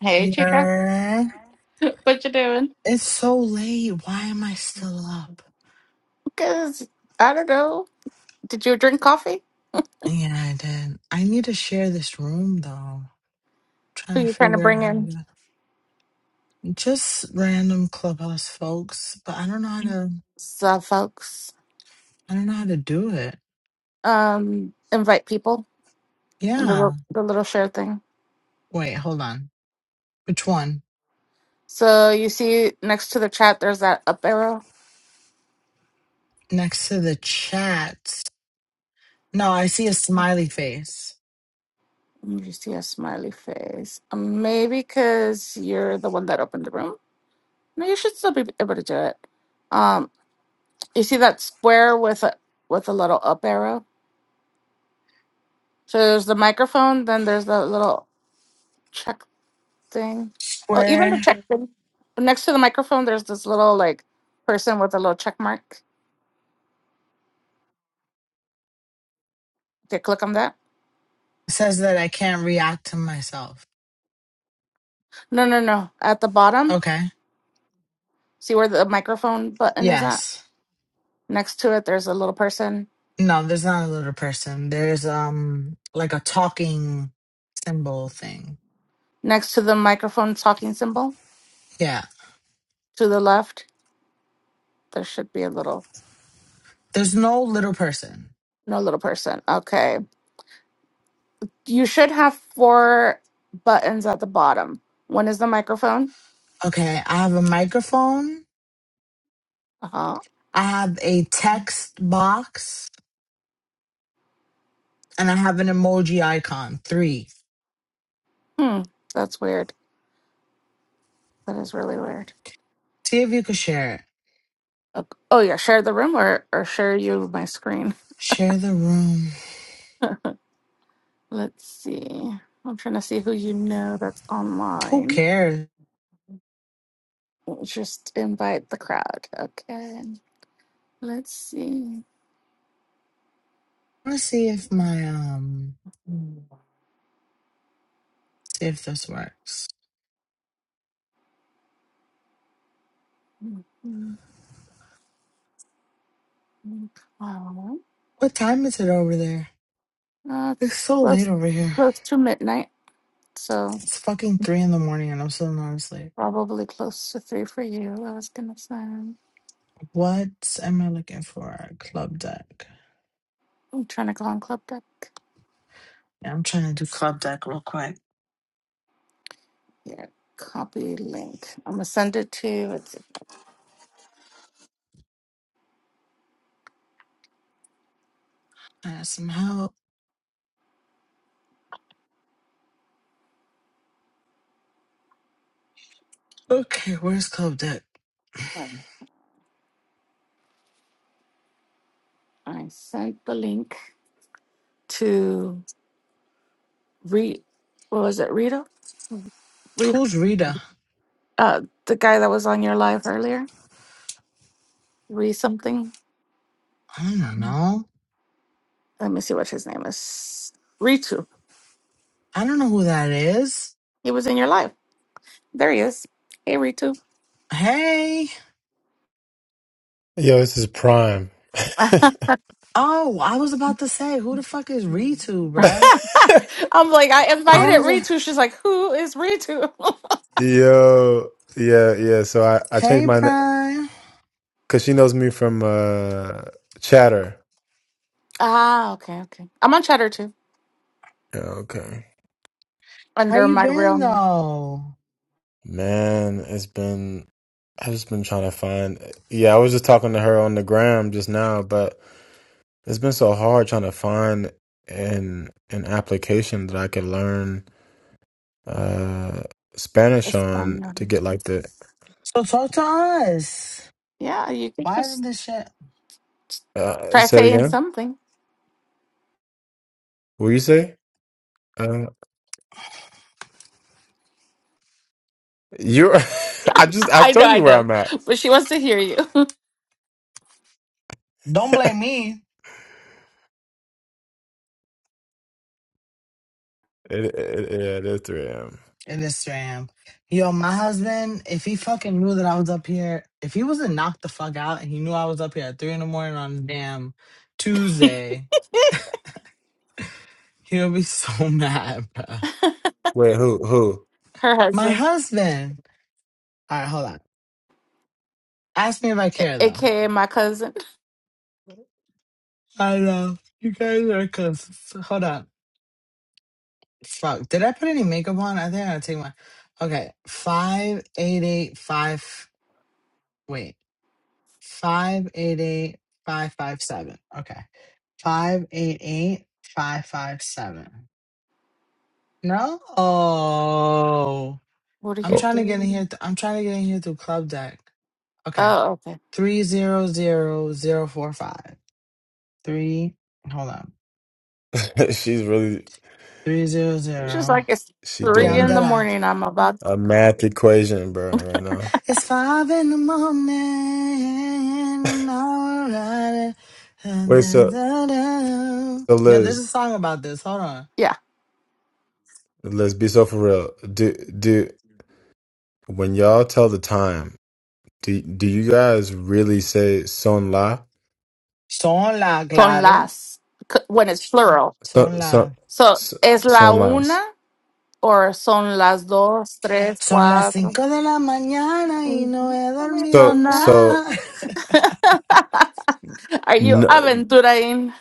Hey, Chica. Yeah. What you doing? It's so late. Why am I still up? Because, I don't know. Did you drink coffee? Yeah, I did. I need to share this room though. trying Who to you trying to figure out bring how to in? do it. Just random clubhouse folks, but I don't know how to So, folks, I don't know how to do it. um, invite people in the, Yeah. little- the little share thing. Wait, hold on. Which one? So, you see next to the chat, there's that up arrow. Next to the chat. No, I see a smiley face. And You see a smiley face. Um, Maybe because you're the one that opened the room. No, you should still be able to do it. Um, you see that square with a with a little up arrow. So there's the microphone, then there's the little check thing. Oh, even the Square check thing. Next to the microphone, there's this little like person with a little check mark. Okay, click on that. says that I can't react to myself. No, no, no. At the bottom, Okay. see where the microphone button is at? Yes. Next to it, there's a little person. No, there's not a little person. There's um like a talking symbol thing. Next to the microphone talking symbol Yeah. to the left, there should be a little, There's no little person. no little person. Okay. You should have four buttons at the bottom. One is the microphone. Okay, I have a microphone, Uh huh. I have a text box, and I have an emoji icon. Three. Hmm. That's weird. That is really weird. See if you could share it. Ok- Oh yeah, share the room or or share you my screen. Share the room. Let's see. I'm trying to see who you know that's Who online. cares? Just invite the crowd. Okay. Let's see. I wanna see if my um see if this works. Mhm. Well, What time is it over there? uh, It's it's so late close, over here. close to midnight, so It's fucking three in the morning and I'm still not asleep. probably close to three for you. I was gonna say. I'm What am I looking for? Club deck. trying to go on Club Deck. Yeah, I'm trying to do club deck real quick. Yeah, copy link. I'm gonna send it to. It's, I have some help. Okay, where's club deck? um, I sent the link to re. What was it? Rita. Who's Rita? Uh, the guy that was on your live earlier, Re something. I don't know. Let me see what his name is. Ritu. I don't know who that is. He was in your live. There he is. Hey, Ritu. Hey. Yo, this is prime. I'm Oh, I was about to say, who the fuck is Ritu, bruh? like, I I invited was like, Ritu. She's like, who is Ritu? Yo, yeah, yeah. So I I changed hey, my Prime. because she knows me from uh Chatter. ah, okay, okay. I'm on Chatter too, Yeah, Okay, How under you my real been, name, though? man, it's been I've just been trying to find. Yeah, I was just talking to her on the gram just now, but it's been so hard trying to find an an application that I could learn uh Spanish on to Espanol. get like the. So talk to us. Yeah, you could Why isn't just this shit? Uh, try say it saying again. something. What you say? Uh, You, I just I I know, told I you where know, I'm at. but she wants to hear you. Don't blame me. It, it, it, yeah, it is 3 a.m. In Instagram. Yo, my husband, if he fucking knew that I was up here, if he wasn't knocked the fuck out and he knew I was up here at three in the morning on a damn Tuesday, he would be so mad, bro. Wait, who who? Her My husband, husband. All right, hold on. Ask me if I a- care though. aka my cousin. I know you guys are cusses. Hold on. Fuck. Did I put any makeup on? I think I gotta take my. Okay, five eight eight five. Wait, five eight eight five five seven. Okay. Five eight eight five five seven. No, What are I'm you Oh, trying to get in doing? here. th- I'm trying to get in here through club deck. Okay, Oh, okay. three zero zero zero four five three. Hold on, she's really three zero She's zero. like, it's she Yeah, three I'm in dead the doing ass. morning. I'm about, a math equation, bro, right now. It's five in the morning and all right. Dun, Wait, dun, so dun, dun. so Yeah, there's Liz, a song about this. Hold on. yeah, Liz, be so for real. Do do when y'all tell the time, do do you guys really say son la? Son la son claro. las, c- when it's plural. So Son la. so So, so- es la son una las. or son las dos, tres, Son las cuatro. 5 de la mañana y no Mhm. he No me veo dormido So nada. so nada. Are you no, aventuraing?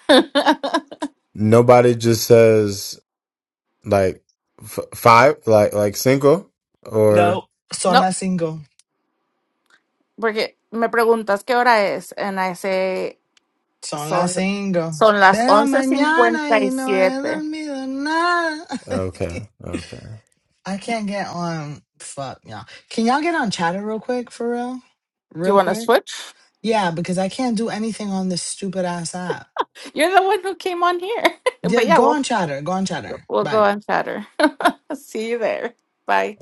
nobody just says. Like f- five, like like single, or No, son no, las cinco. porque me preguntas qué hora es, and I say, Son las son, cinco. son las de la once mañana cincuenta y y no he siete. dormido nada. okay, okay. I can't get on. Fuck, y'all. Can y'all get on chatter real quick, for real? Do you Real want to quick? switch? Yeah, because I can't do anything on this stupid ass app. You're the one who came on here. but Yeah, yeah, go on chatter. Go on chatter. We'll go Bye. on Chatter. See you there. Bye.